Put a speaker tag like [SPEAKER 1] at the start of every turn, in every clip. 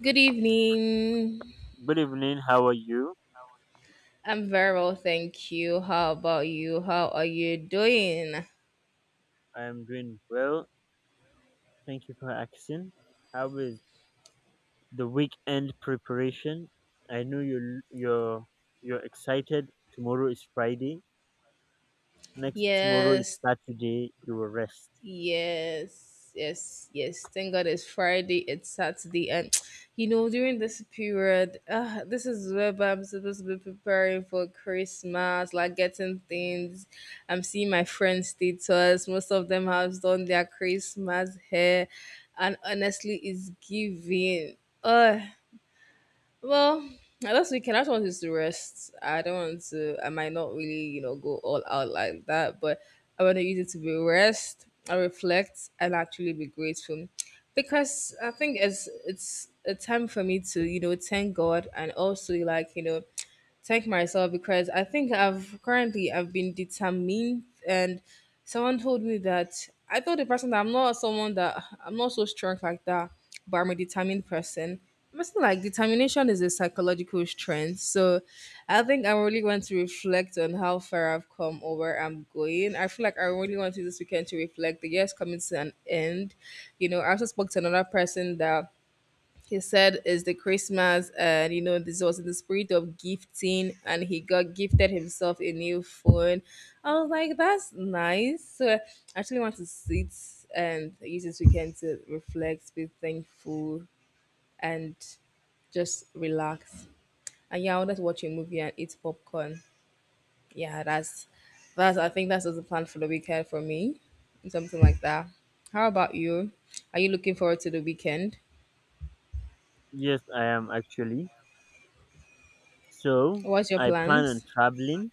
[SPEAKER 1] Good evening.
[SPEAKER 2] Good evening. How are you?
[SPEAKER 1] I'm very well, thank you. How about you? How are you doing?
[SPEAKER 2] I am doing well. Thank you for asking. How is the weekend preparation? I know you're excited. Tomorrow is Friday. Next tomorrow is
[SPEAKER 1] Yes,
[SPEAKER 2] Saturday. You will rest.
[SPEAKER 1] yes, yes, yes. Thank God it's Friday, it's Saturday, and you know, during this period, this is where I'm supposed to be preparing for Christmas, like getting things. I'm seeing my friends' status, most of them have done their Christmas hair, and honestly, it's giving. Oh, well, last weekend I just wanted to rest. I don't want to. I might not really, you know, go all out like that, but I want to use it to be rest, I reflect, and actually be grateful, because I think it's a time for me to, you know, thank God and also, like, you know, thank myself, because I think I've currently I've been determined. And someone told me that I told the person that I'm not so strong like that, but I'm a determined person. I'm still like, determination is a psychological strength. So I think I really want to reflect on how far I've come or where I'm going. I feel like I really want to use this weekend to reflect. The year's coming to an end. You know, I also spoke to another person that, he said is the christmas, and you know, this was in the spirit of gifting, and he got gifted himself a new phone. I was like, that's nice. So I actually want to sit and use this weekend to reflect, be thankful, and just relax. And yeah, I wanted to watch a movie and eat popcorn. Yeah, that's I think that's just the plan for the weekend for me, something like that. How about you? Are you looking forward to the weekend?
[SPEAKER 2] Yes, I am actually. So
[SPEAKER 1] What's your
[SPEAKER 2] I plan on
[SPEAKER 1] plans?
[SPEAKER 2] traveling.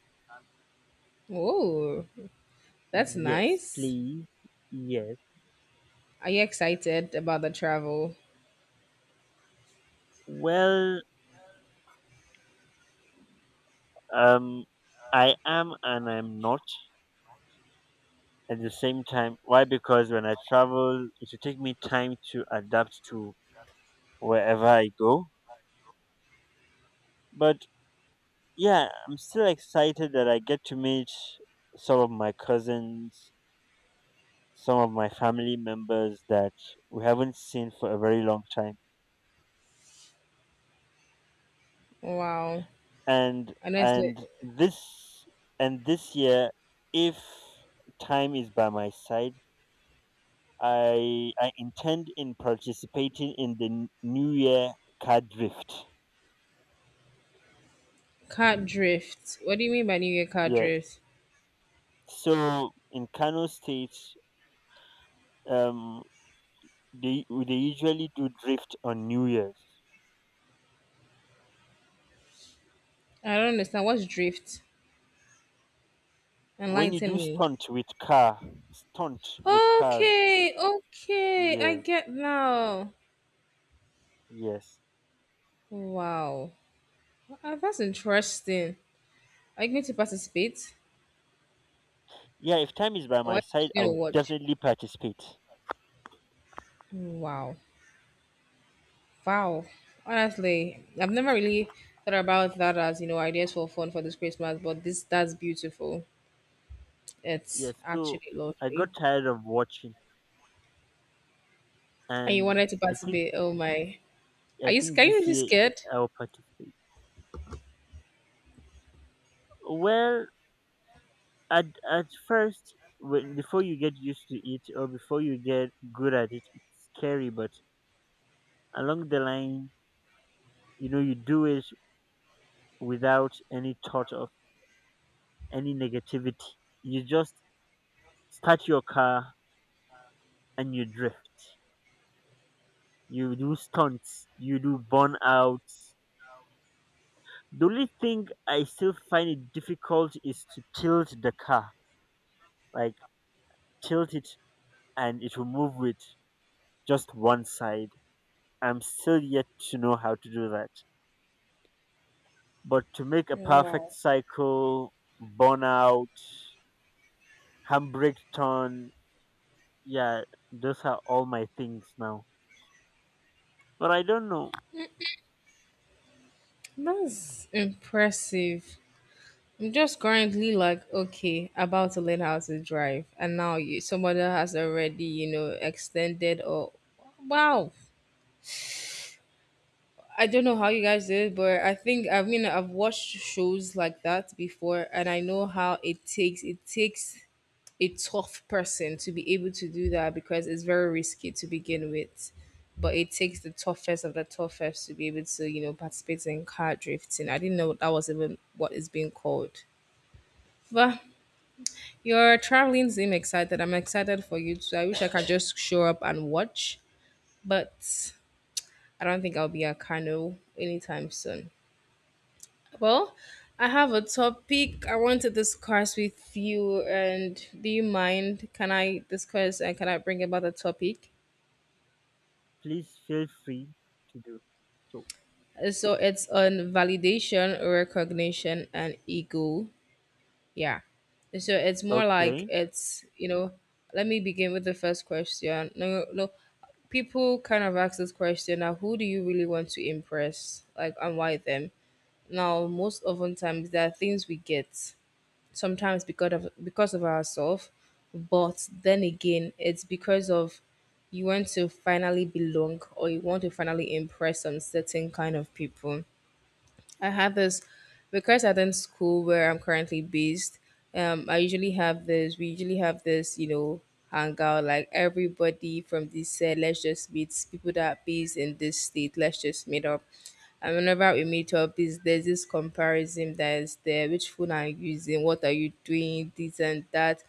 [SPEAKER 1] Oh, that's
[SPEAKER 2] Yes,
[SPEAKER 1] nice.
[SPEAKER 2] please. Yes.
[SPEAKER 1] Are you excited about the travel?
[SPEAKER 2] Well, um, I am and I'm not at the same time. Why? Because when I travel, it will take me time to adapt to wherever I go. But yeah, I'm still excited that I get to meet some of my cousins, some of my family members that we haven't seen for a very long time.
[SPEAKER 1] Wow.
[SPEAKER 2] And
[SPEAKER 1] Honestly,
[SPEAKER 2] and this and this year, if time is by my side, I intend in participating in the New Year card drift.
[SPEAKER 1] car drift. What do you mean by New Year car
[SPEAKER 2] Yes.
[SPEAKER 1] drift?
[SPEAKER 2] So in Kano State, um, they usually do drift on New Year's.
[SPEAKER 1] I don't understand. What's drift?
[SPEAKER 2] When you do
[SPEAKER 1] Enlighten me.
[SPEAKER 2] stunt with cars.
[SPEAKER 1] Okay, okay. I
[SPEAKER 2] Yes,
[SPEAKER 1] get now.
[SPEAKER 2] yes.
[SPEAKER 1] Wow. That's interesting. Are you going to participate?
[SPEAKER 2] Yeah, if time is by
[SPEAKER 1] Or are
[SPEAKER 2] my
[SPEAKER 1] you
[SPEAKER 2] side,
[SPEAKER 1] just going to
[SPEAKER 2] I'll
[SPEAKER 1] watch?
[SPEAKER 2] definitely participate.
[SPEAKER 1] Wow. Wow. Honestly, I've never really thought about that as, you know, ideas for fun for this Christmas, but this that's beautiful. It's
[SPEAKER 2] Yes. So
[SPEAKER 1] actually
[SPEAKER 2] I
[SPEAKER 1] lovely.
[SPEAKER 2] got tired of watching,
[SPEAKER 1] And you
[SPEAKER 2] and
[SPEAKER 1] wanted to
[SPEAKER 2] I think
[SPEAKER 1] participate. Oh my.
[SPEAKER 2] I
[SPEAKER 1] Are you
[SPEAKER 2] think
[SPEAKER 1] scared? Are you
[SPEAKER 2] this
[SPEAKER 1] really
[SPEAKER 2] year
[SPEAKER 1] scared?
[SPEAKER 2] I'll participate. Well, at at first, when before you get used to it or before you get good at it, it's scary. But along the line, you do it without any thought of any negativity. You just start your car and you drift. You do stunts, you do burnouts. The only thing I still find it difficult is to tilt the car. Like tilt it and it will move with just one side. I'm still yet to know how to do that. But to make a perfect
[SPEAKER 1] Wow.
[SPEAKER 2] cycle, burnout, handbrake turn, yeah, those are all my things now. But I don't know.
[SPEAKER 1] That's impressive. I'm just currently like, okay, about to learn how to drive. And now you somebody has already, you know, extended or wow. I don't know how you guys did it, but I think, I mean, I've watched shows like that before and I know how it takes a tough person to be able to do that, because it's very risky to begin with. But it takes the toughest of the toughest to be able to, you know, participate in car drifting. I didn't know that was even what is being called. But your traveling seem excited. I'm excited for you too. I wish I could just show up and watch, but I don't think I'll be at Kano anytime soon. Well, I have a topic I want to discuss with you, and do you mind? Can I discuss and can I bring about the topic?
[SPEAKER 2] Please feel free to do. So.
[SPEAKER 1] So it's on validation, recognition, and ego. Yeah. So it's more like,
[SPEAKER 2] Okay,
[SPEAKER 1] it's you know. Let me begin with the first question. No, no. People kind of ask this question now: Who do you really want to impress? Like, and why them? Now, most often times there are things we get, sometimes because of ourselves, but then again, it's because of, you want to finally belong or you want to finally impress some certain kind of people. I have this because I attend school where I'm currently based. I usually have this. We usually have this, you know, hangout, like everybody from this set. Let's just meet people that are based in this state. Let's just meet up. And whenever we meet up, is there's this comparison that is there. Which phone are you using? What are you doing? This and that,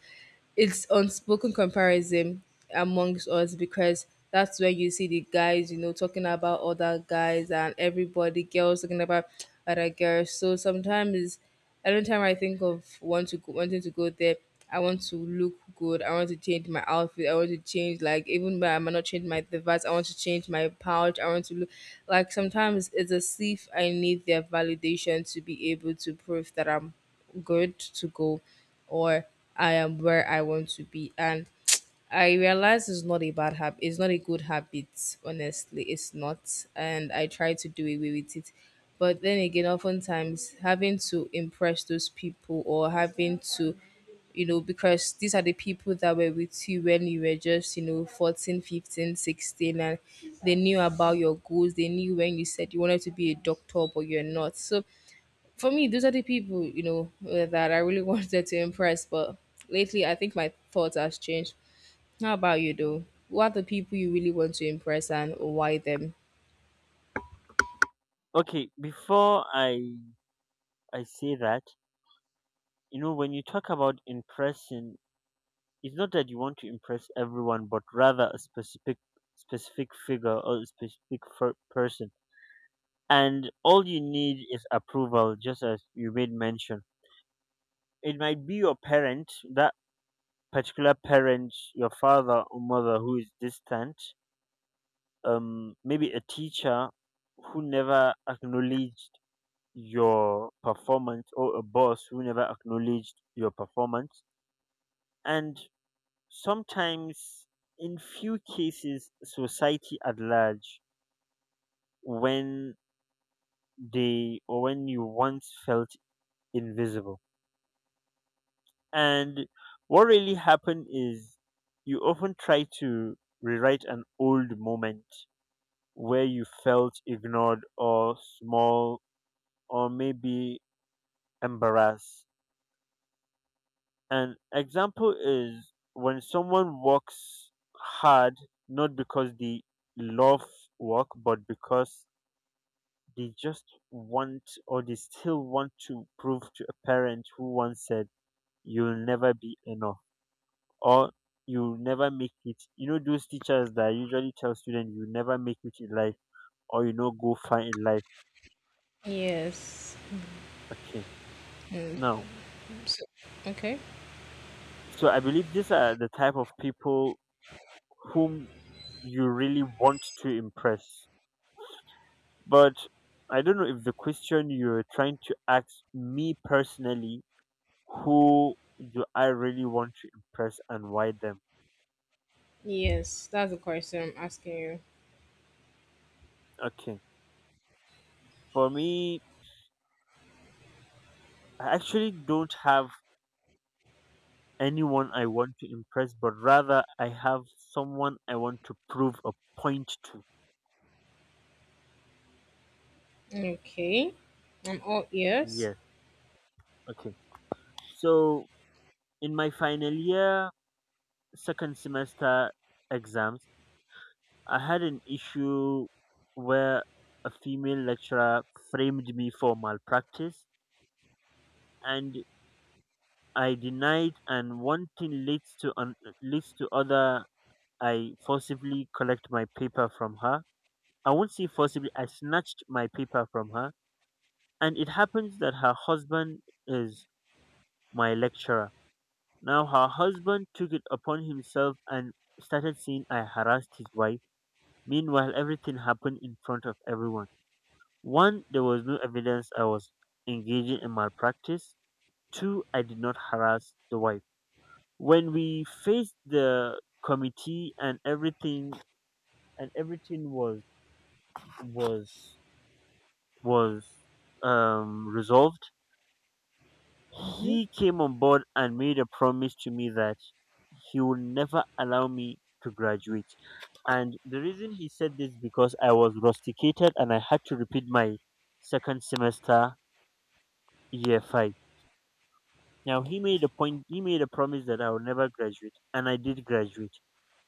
[SPEAKER 1] it's unspoken comparison amongst us, because that's when you see the guys, you know, talking about other guys, and everybody, girls talking about other girls. So sometimes, every time I think of want to go, wanting to go there, I want to look good. I want to change my outfit. I want to change, like even when I might not change my device. I want to change my pouch. I want to look, like sometimes it's as if I need their validation to be able to prove that I'm good to go, or I am where I want to be. And I realize it's not a bad habit. It's not a good habit, honestly. It's not. And I try to do away with it. But then again, oftentimes having to impress those people, or having to, you know, because these are the people that were with you when you were just, you know, 14, 15, 16, and they knew about your goals. They knew when you said you wanted to be a doctor, but you're not. So for me, those are the people, you know, that I really wanted to impress. But lately, I think my thoughts has changed. How about you, though? Who are the people you really want to impress and why them?
[SPEAKER 2] okay. Before I say that, you know, when you talk about impressing, it's not that you want to impress everyone, but rather a specific figure or a specific person. And all you need is approval, just as you made mention. It might be your parent, that particular parent, your father or mother who is distant, maybe a teacher who never acknowledged your performance or a boss who never acknowledged your performance, and sometimes in few cases society at large when they or when you once felt invisible. And what really happened is you often try to rewrite an old moment where you felt ignored or small or maybe embarrassed. An example is when someone works hard not because they love work, but because they just they still want to prove to a parent who once said, "You'll never be enough" or "you'll never make it." You know, those teachers that usually tell students, "You'll never make it in life" or go far in life.
[SPEAKER 1] Yes.
[SPEAKER 2] Okay,
[SPEAKER 1] Mm,
[SPEAKER 2] now,
[SPEAKER 1] so- okay.
[SPEAKER 2] so I believe these are the type of people whom you really want to impress. But I don't know. If the question you're trying to ask me personally, who do I really want to impress and why them?
[SPEAKER 1] Yes, that's the question I'm asking you.
[SPEAKER 2] Okay. For me, I actually don't have anyone I want to impress, but rather I have someone I want to prove a point to.
[SPEAKER 1] Okay. I'm all ears.
[SPEAKER 2] Yeah. Okay. So in my final year, second semester exams, I had an issue where a female lecturer framed me for malpractice and I denied, and one thing leads to other. I forcibly collect my paper from her. I won't say forcibly. I snatched my paper from her, and it happens that her husband is my lecturer. Now her husband took it upon himself and started saying I harassed his wife. Meanwhile, everything happened in front of everyone. One, there was no evidence I was engaging in malpractice. Two, I did not harass the wife. When we faced the committee and everything was was was resolved,
[SPEAKER 1] Hmm.
[SPEAKER 2] he came on board and made a promise to me that he will never allow me to graduate, and the reason he said this because I was rusticated and I had to repeat my second semester, year 5. Now he made a promise that I will never graduate, and I did graduate.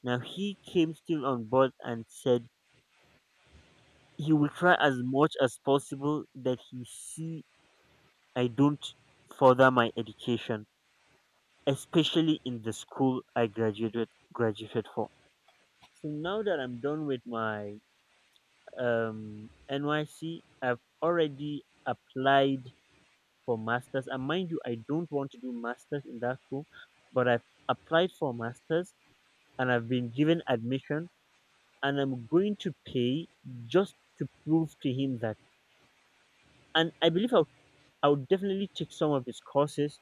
[SPEAKER 2] Now he came still on board and said he will try as much as possible that he see I don't further my education, especially in the school I graduated for. So now that I'm done with my NYC, I've already applied for masters. And mind you, I don't want to do masters in that school, but I've applied for masters and I've been given admission, and I'm going to pay just to prove to him that. And I believe I would definitely take some of his courses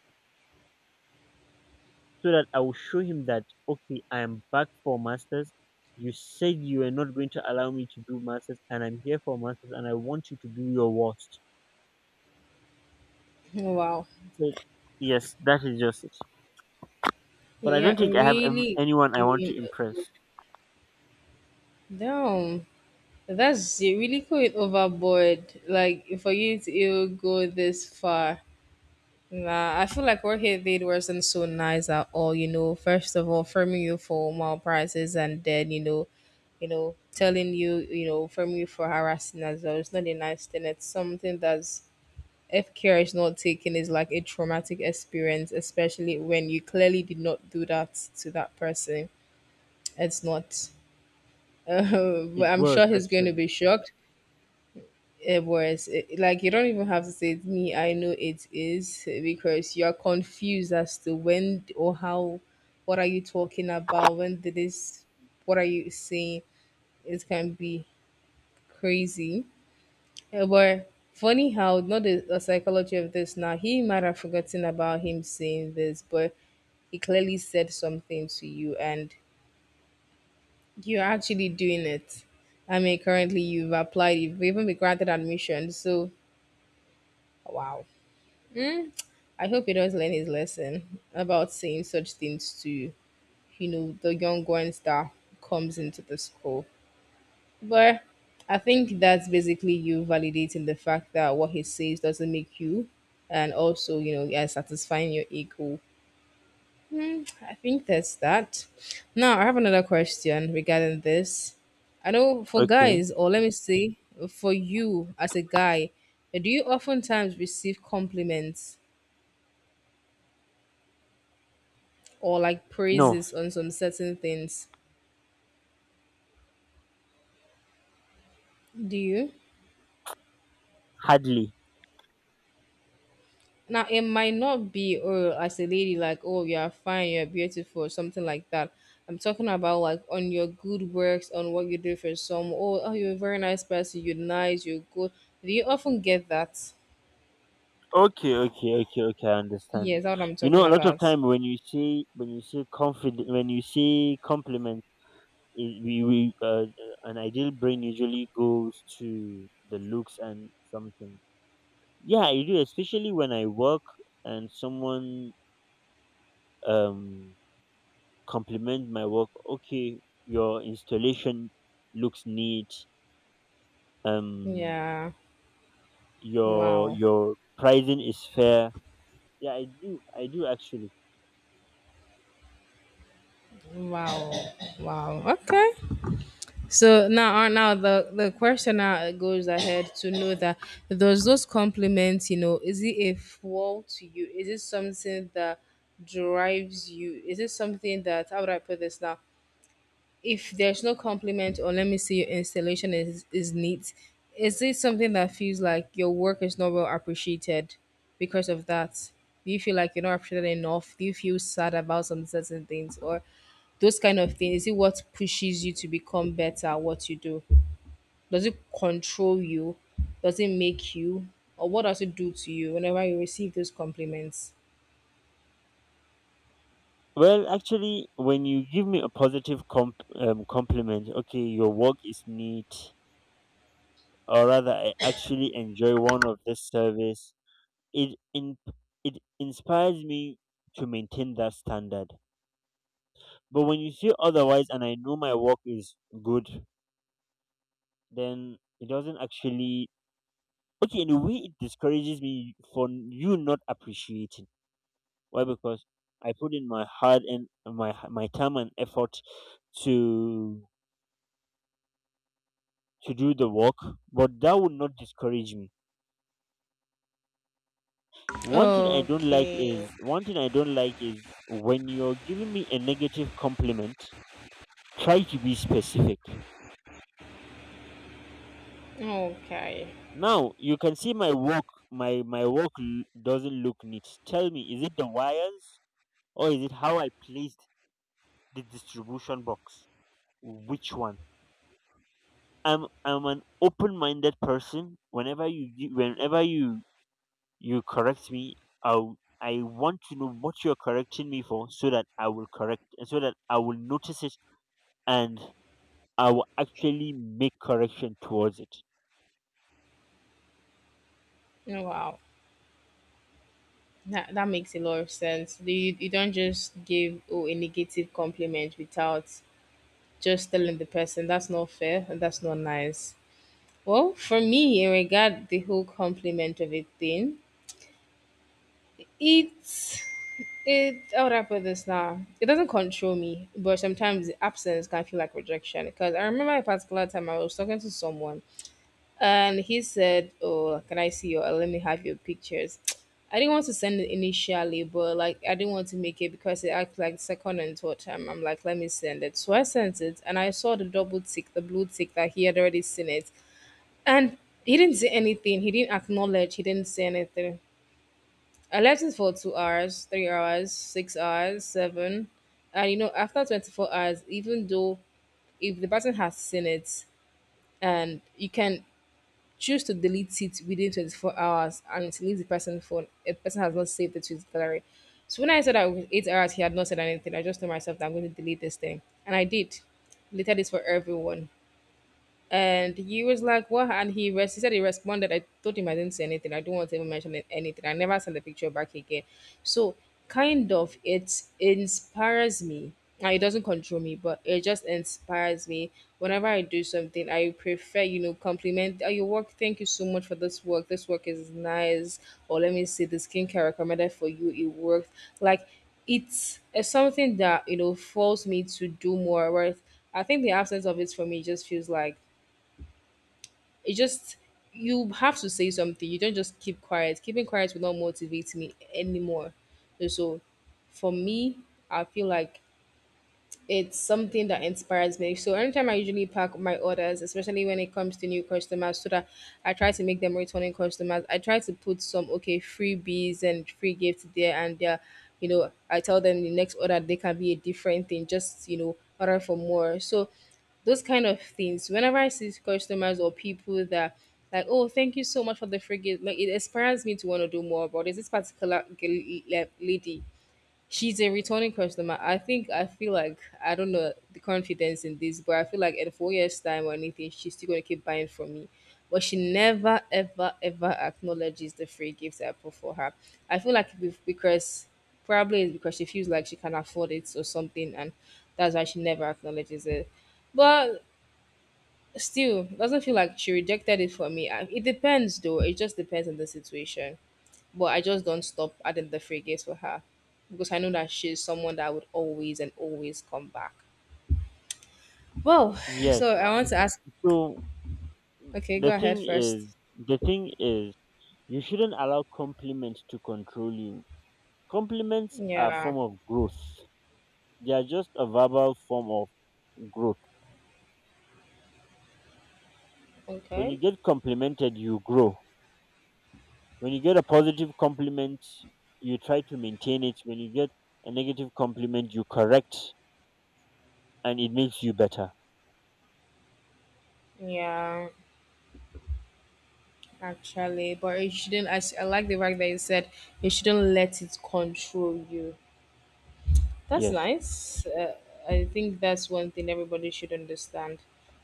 [SPEAKER 2] so that I will show him that okay, I am back for masters. You said you were not going to allow me to do masters, and I'm here for masters, and I want you to do your worst.
[SPEAKER 1] Wow.
[SPEAKER 2] So yes, that is just it. But I don't
[SPEAKER 1] Yeah,
[SPEAKER 2] think I have
[SPEAKER 1] really
[SPEAKER 2] anyone I want
[SPEAKER 1] going
[SPEAKER 2] to impress.
[SPEAKER 1] down. That's, you're really going overboard. Like for you to even go this far. Nah, I feel like what he did wasn't so nice at all. You know, first of all, firming you for more prices, and then you know, telling you, you know, firming you for harassing as well. It's not a nice thing. It's something that's, if care is not taken, is like a traumatic experience, especially when you clearly did not do that to that person. It's not. But
[SPEAKER 2] It
[SPEAKER 1] I'm
[SPEAKER 2] was
[SPEAKER 1] sure he's going to
[SPEAKER 2] actually
[SPEAKER 1] be shocked. It was it, like you don't even have to say it, me. I know it is because you are confused as to when or how. What are you talking about? When did this? What are you saying? It can be crazy. Eh, but funny how not the psychology of this now. He might have forgotten about him saying this, but he clearly said something to you, and you're actually doing it. I mean, currently you've applied, you've even been granted admission. So wow. I hope he does learn his lesson about saying such things to, you know, the young ones that comes into the school. But I think that's basically you validating the fact that what he says doesn't make you, and also, you know, yeah, satisfying your ego. Hmm, I think that's that. Now, I have another question regarding this. I know for
[SPEAKER 2] okay.
[SPEAKER 1] guys, or let me say, for you as a guy, do you oftentimes receive compliments or like
[SPEAKER 2] No,
[SPEAKER 1] praises on some certain things. Do you?
[SPEAKER 2] hardly.
[SPEAKER 1] Now it might not be oh, as a lady, like oh, you are fine, you're beautiful, or something like that. I'm talking about like on your good works, on what you do for someone. Oh, oh, you're a very nice person, you're nice, you're good. Do you often get that?
[SPEAKER 2] Okay, okay, okay, okay. I understand.
[SPEAKER 1] Yes, that's what I'm
[SPEAKER 2] You
[SPEAKER 1] talking
[SPEAKER 2] know, a lot of
[SPEAKER 1] about.
[SPEAKER 2] time when you say confident when you say compliments. I- we an ideal brain usually goes to the looks and something. Yeah, I do, especially when I work and someone um compliment my work. Okay, your installation looks neat. um
[SPEAKER 1] Yeah.
[SPEAKER 2] your
[SPEAKER 1] Wow.
[SPEAKER 2] your pricing is fair. Yeah, I do actually.
[SPEAKER 1] Wow. Wow. Okay. So now, now the question now goes ahead to know that, does those compliments, you know, is it a flaw to you? Is it something that drives you? Is it something that, how would I put this now? If there's no compliment, or let me see your installation is neat, is it something that feels like your work is not well appreciated because of that? Do you feel like you're not appreciated enough? Do you feel sad about some certain things or those kind of things? Is it what pushes you to become better at what you do? Does it control you? Does it make you? Or what does it do to you whenever you receive those compliments?
[SPEAKER 2] Well, actually when you give me a positive compliment, okay, your work is neat, or rather I actually enjoy one of this service, it in, it inspires me to maintain that standard. But when you say otherwise and I know my work is good, then it doesn't actually. Okay, in a way it discourages me for you not appreciating. Why? Because I put in my heart and my time and effort to to do the work, but that would not discourage me.
[SPEAKER 1] Okay.
[SPEAKER 2] One thing I don't like is when you're giving me a negative compliment. Try to be specific.
[SPEAKER 1] Okay.
[SPEAKER 2] Now you can see my work doesn't look neat. Tell me, is it the wires or is it how I placed the distribution box? Which one? I'm an open-minded person. Whenever you correct me, I want to know what you're correcting me for so that I will notice it, and I will actually make correction towards it.
[SPEAKER 1] Wow. That, that makes a lot of sense. You don't just give, oh, a negative compliment without just telling the person, that's not fair and that's not nice. Well, for me, in regard the whole compliment of a thing, it's, it, how would I put this now? It doesn't control me, but sometimes the absence can feel like rejection. Because I remember a particular time I was talking to someone, and he said, oh, can I see your, let me have your pictures. I didn't want to send it initially, but like I didn't want to make it because it acted like second and third time. I'm like, let me send it. So I sent it and I saw the double tick, the blue tick that he had already seen it. And he didn't say anything. He didn't acknowledge. He didn't say anything. I left it for 2 hours, 3 hours, 6 hours, seven. And after 24 hours, even though if the person has seen it and you can choose to delete it within 24 hours and it leaves the person phone. A person has not saved it to his gallery. So when I said that with 8 hours, he had not said anything. I just told myself that I'm going to delete this thing. And I did. Deleted this for everyone. And he was like, "What?" And he said he responded. I told him I didn't say anything. I don't want to even mention anything. I never sent the picture back again. So, kind of, it inspires me. Now, it doesn't control me, but it just inspires me. Whenever I do something, I prefer, compliment oh, your work. Thank you so much for this work. This work is nice. Or let me see the skincare recommended for you. It worked. Like, it's something that, forces me to do more. Whereas I think the absence of it for me just feels like it just you have to say something. You don't just keep quiet. Keeping quiet will not motivate me anymore. And so for me, I feel like it's something that inspires me. So anytime I usually pack my orders, especially when it comes to new customers, so that I try to make them returning customers, I try to put some okay freebies and free gifts there and there. I tell them the next order they can be a different thing, just order for more. So those kind of things. Whenever I see customers or people that like, oh, thank you so much for the free gift, like it inspires me to want to do more about this. This particular lady. She's a returning customer. I think I feel like I don't know the confidence in this, but I feel like in 4 years' time or anything, she's still gonna keep buying from me. But she never, ever, ever acknowledges the free gifts I put for her. I feel like because probably it's because she feels like she can afford it or something, and that's why she never acknowledges it. But still, doesn't feel like she rejected it for me. It depends though. It just depends on the situation. But I just don't stop adding the free gifts for her because I know that she's someone that would always and always come back. Well,
[SPEAKER 2] Yes.
[SPEAKER 1] so I
[SPEAKER 2] Uh,
[SPEAKER 1] want to ask.
[SPEAKER 2] so
[SPEAKER 1] Okay, go ahead first.
[SPEAKER 2] the thing is, you shouldn't allow compliments to control you. Compliments are a
[SPEAKER 1] Yeah.
[SPEAKER 2] form of growth. They are just a verbal form of growth. When you
[SPEAKER 1] Okay.
[SPEAKER 2] get complimented, you grow. When you get a positive compliment, you try to maintain it. When you get a negative compliment, you correct, and it makes you better.
[SPEAKER 1] Yeah. Actually, but you shouldn't. I like the fact that you said you shouldn't let it control you. That's
[SPEAKER 2] Yes.
[SPEAKER 1] nice. I think that's one thing everybody should understand.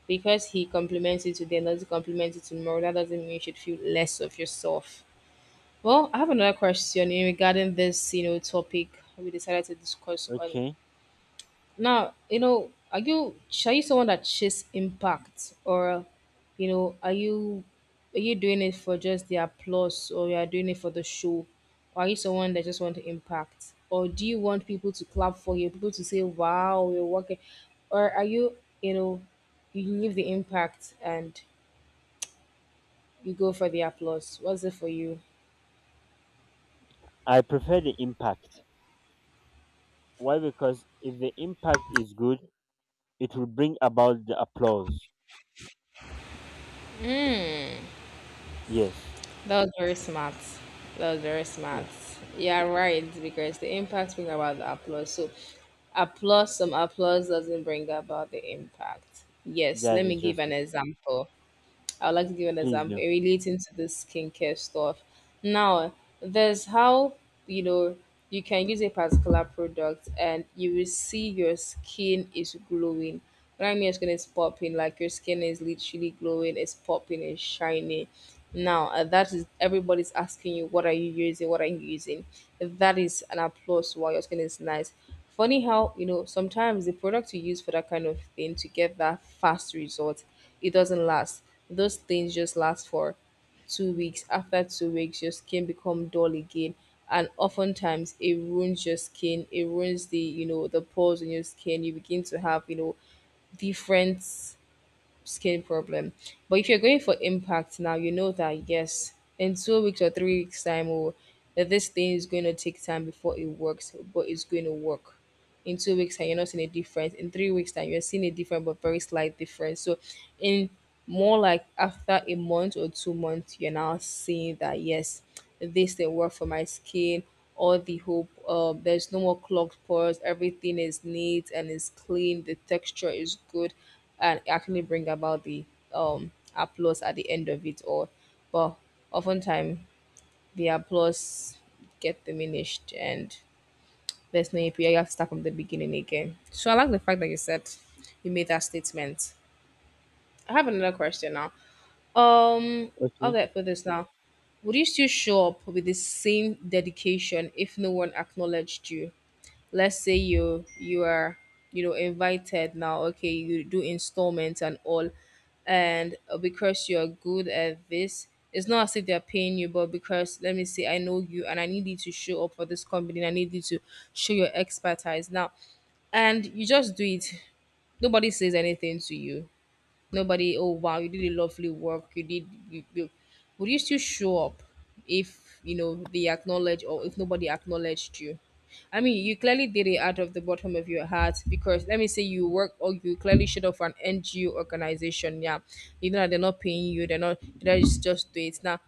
[SPEAKER 1] Because he compliments you today and doesn't compliment you tomorrow, that doesn't mean you should feel less of yourself. Well, I have another question in regarding this, topic we decided to discuss on.
[SPEAKER 2] Okay.
[SPEAKER 1] Now, are you someone that chase impact, or are you doing it for just the applause, or you are doing it for the show? Or are you someone that just want to impact? Or do you want people to clap for you, people to say, "Wow, you're working," or are you, you know, you leave the impact and you go for the applause? What's it for you?
[SPEAKER 2] I prefer the impact. Why? Because if the impact is good, it will bring about the applause. Yes.
[SPEAKER 1] That was very smart. That was very smart.
[SPEAKER 2] Yeah.
[SPEAKER 1] Yeah, right, because the impact bring about the applause. So applause, some applause doesn't bring about the impact. Yes,
[SPEAKER 2] That
[SPEAKER 1] let me
[SPEAKER 2] is
[SPEAKER 1] give
[SPEAKER 2] just
[SPEAKER 1] an
[SPEAKER 2] it.
[SPEAKER 1] example. I would like to give an
[SPEAKER 2] Please
[SPEAKER 1] example
[SPEAKER 2] no.
[SPEAKER 1] relating to this skincare stuff. Now, there's how you know you can use a particular product and you will see your skin is glowing. What I mean, your skin is popping, like your skin is literally glowing, it's popping, it's shiny. Now, that is everybody's asking you, what are you using? What are you using? That is an applause while your skin is nice. Funny how, sometimes the product you use for that kind of thing to get that fast result, it doesn't last. Those things just last for 2 weeks. After 2 weeks, your skin become dull again. And oftentimes it ruins your skin. It ruins the pores in your skin. You begin to have different skin problem. But if you're going for impact now, you know that yes, in 2 weeks or 3 weeks time, or that this thing is going to take time before it works, but it's going to work. In 2 weeks time, you're not seeing a difference. In 3 weeks time, you're seeing a different but very slight difference. So, in more like after a month or 2 months, you're now seeing that yes, this thing worked for my skin all the hope. There's no more clogged pores. Everything is neat and is clean. The texture is good, and actually bring about the applause at the end of it all. But oftentimes the applause get diminished and there's no API. You have to start from the beginning again. So I like the fact that you said, you made that statement. I have another question now. Um, how
[SPEAKER 2] Okay.
[SPEAKER 1] do I put this now? Would you still show up with the same dedication if no one acknowledged you? Let's say you are invited now, okay, you do installments and all, and because you're good at this, it's not as if they're paying you. But because let me say I know you, and I need you to show up for this company, and I need you to show your expertise now, and you just do it, nobody says anything to you. Nobody, oh wow, you did a lovely work. You did. You. Would you still show up if they acknowledge, or if nobody acknowledged you? I mean, you clearly did it out of the bottom of your heart, because let me say you work or you clearly showed up for an NGO organization. Yeah, you know that they're not paying you. They're not. They just do it now,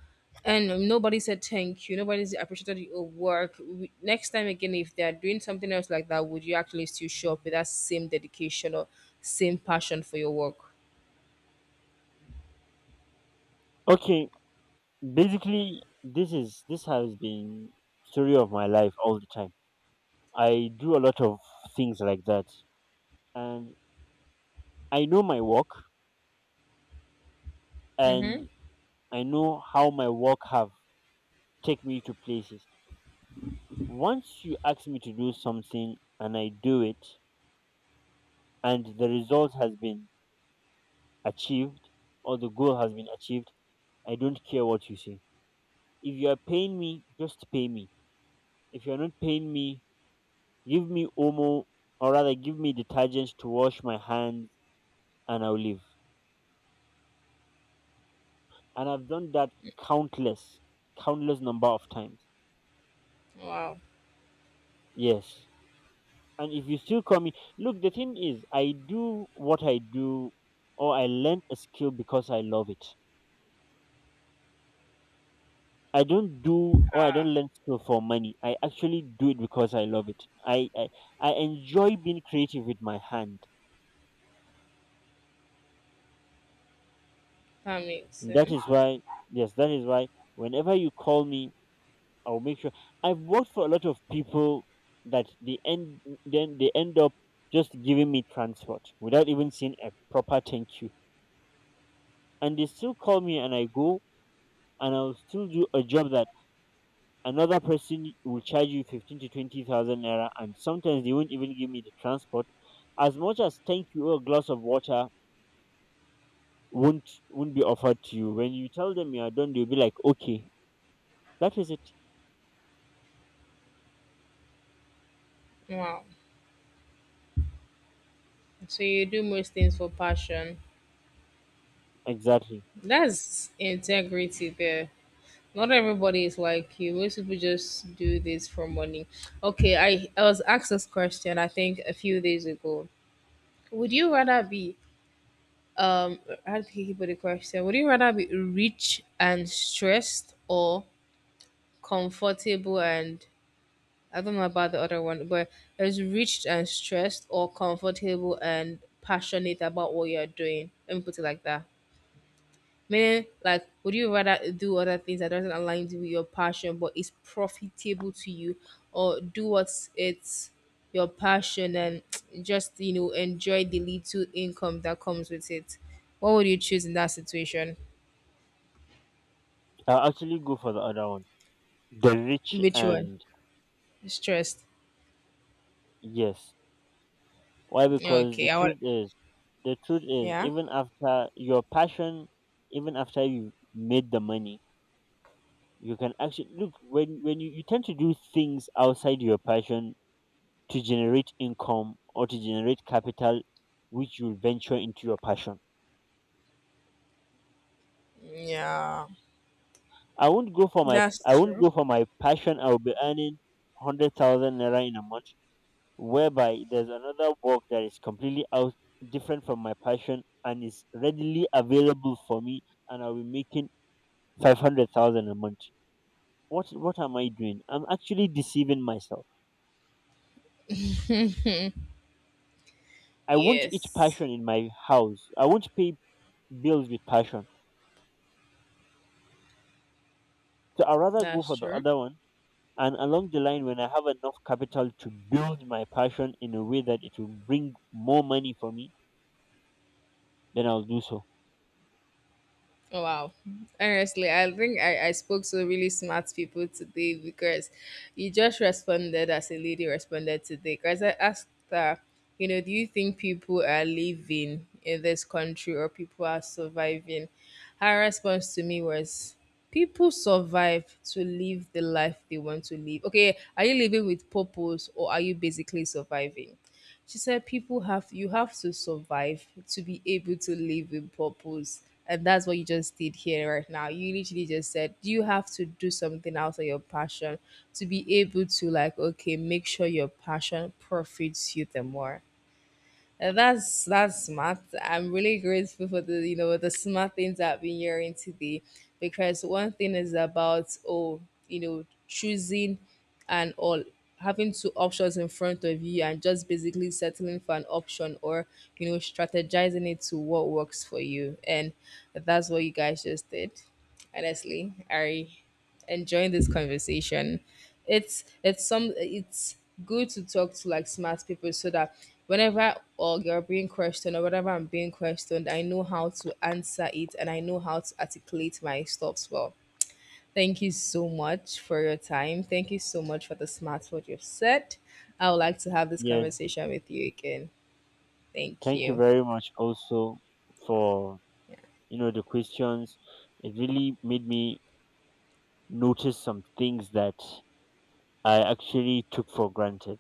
[SPEAKER 1] and nobody said thank you, nobody appreciated your work. Next time again, if they're doing something else like that, would you actually still show up with that same dedication or same passion for your work?
[SPEAKER 2] Okay. Basically, this has been story of my life all the time. I do a lot of things like that, and I know my work,
[SPEAKER 1] Mm-hmm.
[SPEAKER 2] and I know how my work have take me to places. Once you ask me to do something and I do it, and the result has been achieved or the goal has been achieved. I don't care what you say. If you are paying me, just pay me. If you are not paying me, give me Omo, or rather give me detergent to wash my hands, and I'll leave. And I've done that countless, countless number of times.
[SPEAKER 1] Wow,
[SPEAKER 2] Yes. And if you still call me, look, the thing is, I do what I do or I learn a skill because I love it. I don't do or I don't learn skill for money. I actually do it because I love it. I enjoy being creative with my hand.
[SPEAKER 1] that makes
[SPEAKER 2] That
[SPEAKER 1] sense.
[SPEAKER 2] is why, yes, that is why whenever you call me, I'll make sure. I've worked for a lot of people that the end then they end up just giving me transport without even seeing a proper thank you, and they still call me, and I go, and I'll still do a job that another person will charge you fifteen to twenty thousand naira, and sometimes they won't even give me the transport. As much as thank you or a glass of water won't be offered to you. When you tell them you are done, they'll be like, okay, that is it,
[SPEAKER 1] Wow. So you do most things for passion.
[SPEAKER 2] exactly.
[SPEAKER 1] That's integrity there. Not everybody is like you. Most people just do this for money. Okay, I was asked this question I think a few days ago. Would you rather be um how did he put the question? Would you rather be rich and stressed or comfortable and, I don't know about the other one, but it's rich and stressed or comfortable and passionate about what you're doing. Let me put it like that. Meaning, like, would you rather do other things that doesn't align with your passion but is profitable to you, or do what's it's your passion and just enjoy the little income that comes with it? What would you choose in that situation?
[SPEAKER 2] I'll actually go for the other one. The rich
[SPEAKER 1] Which one?
[SPEAKER 2] and
[SPEAKER 1] Stressed.
[SPEAKER 2] yes. Why? Because
[SPEAKER 1] Okay, I want.
[SPEAKER 2] the truth is,
[SPEAKER 1] Yeah.
[SPEAKER 2] even after your passion, even after you made the money, you can actually look when you tend to do things outside your passion to generate income or to generate capital, which you'll venture into your passion.
[SPEAKER 1] Yeah.
[SPEAKER 2] I
[SPEAKER 1] That's
[SPEAKER 2] won't
[SPEAKER 1] true.
[SPEAKER 2] go for my passion. I'll be earning 100,000 naira in a month, whereby there's another work that is completely out different from my passion and is readily available for me, and I'll be making 500,000 a month. What am I doing? I'm actually deceiving myself. I won't eat
[SPEAKER 1] Yes.
[SPEAKER 2] passion in my house. I won't pay bills with passion. So I'd rather go
[SPEAKER 1] That's
[SPEAKER 2] for the
[SPEAKER 1] true.
[SPEAKER 2] other one, and along the line when I have enough capital to build my passion in a way that it will bring more money for me, then I'll do so.
[SPEAKER 1] Oh, wow. Honestly, I think I spoke to really smart people today, because you just responded as a lady responded today. Because I asked her, do you think people are living in this country or people are surviving? Her response to me was, people survive to live the life they want to live. Okay, are you living with purpose or are you basically surviving? She said people have you have to survive to be able to live with purpose. And that's what you just did here right now. You literally just said you have to do something out of your passion to be able to like okay, make sure your passion profits you the more. That's smart. I'm really grateful for the you know the smart things I've been hearing today, because one thing is about choosing and all, having two options in front of you and just basically settling for an option, or strategizing it to what works for you, and that's what you guys just did. Honestly, I enjoying this conversation. It's good to talk to like smart people, so that whenever or you're being questioned or whatever I'm being questioned, I know how to answer it and I know how to articulate my stops well. Thank you so much for your time. Thank you so much for the smart word you've said. I would like to have this
[SPEAKER 2] Yes.
[SPEAKER 1] conversation with you again. Thank
[SPEAKER 2] Thank you
[SPEAKER 1] you.
[SPEAKER 2] very much also for the questions. It really made me notice some things that I actually took for granted.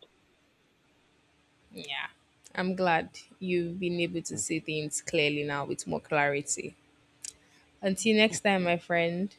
[SPEAKER 1] Yeah. I'm glad you've been able to
[SPEAKER 2] Mm.
[SPEAKER 1] see things clearly now with more clarity. Until next time, my friend.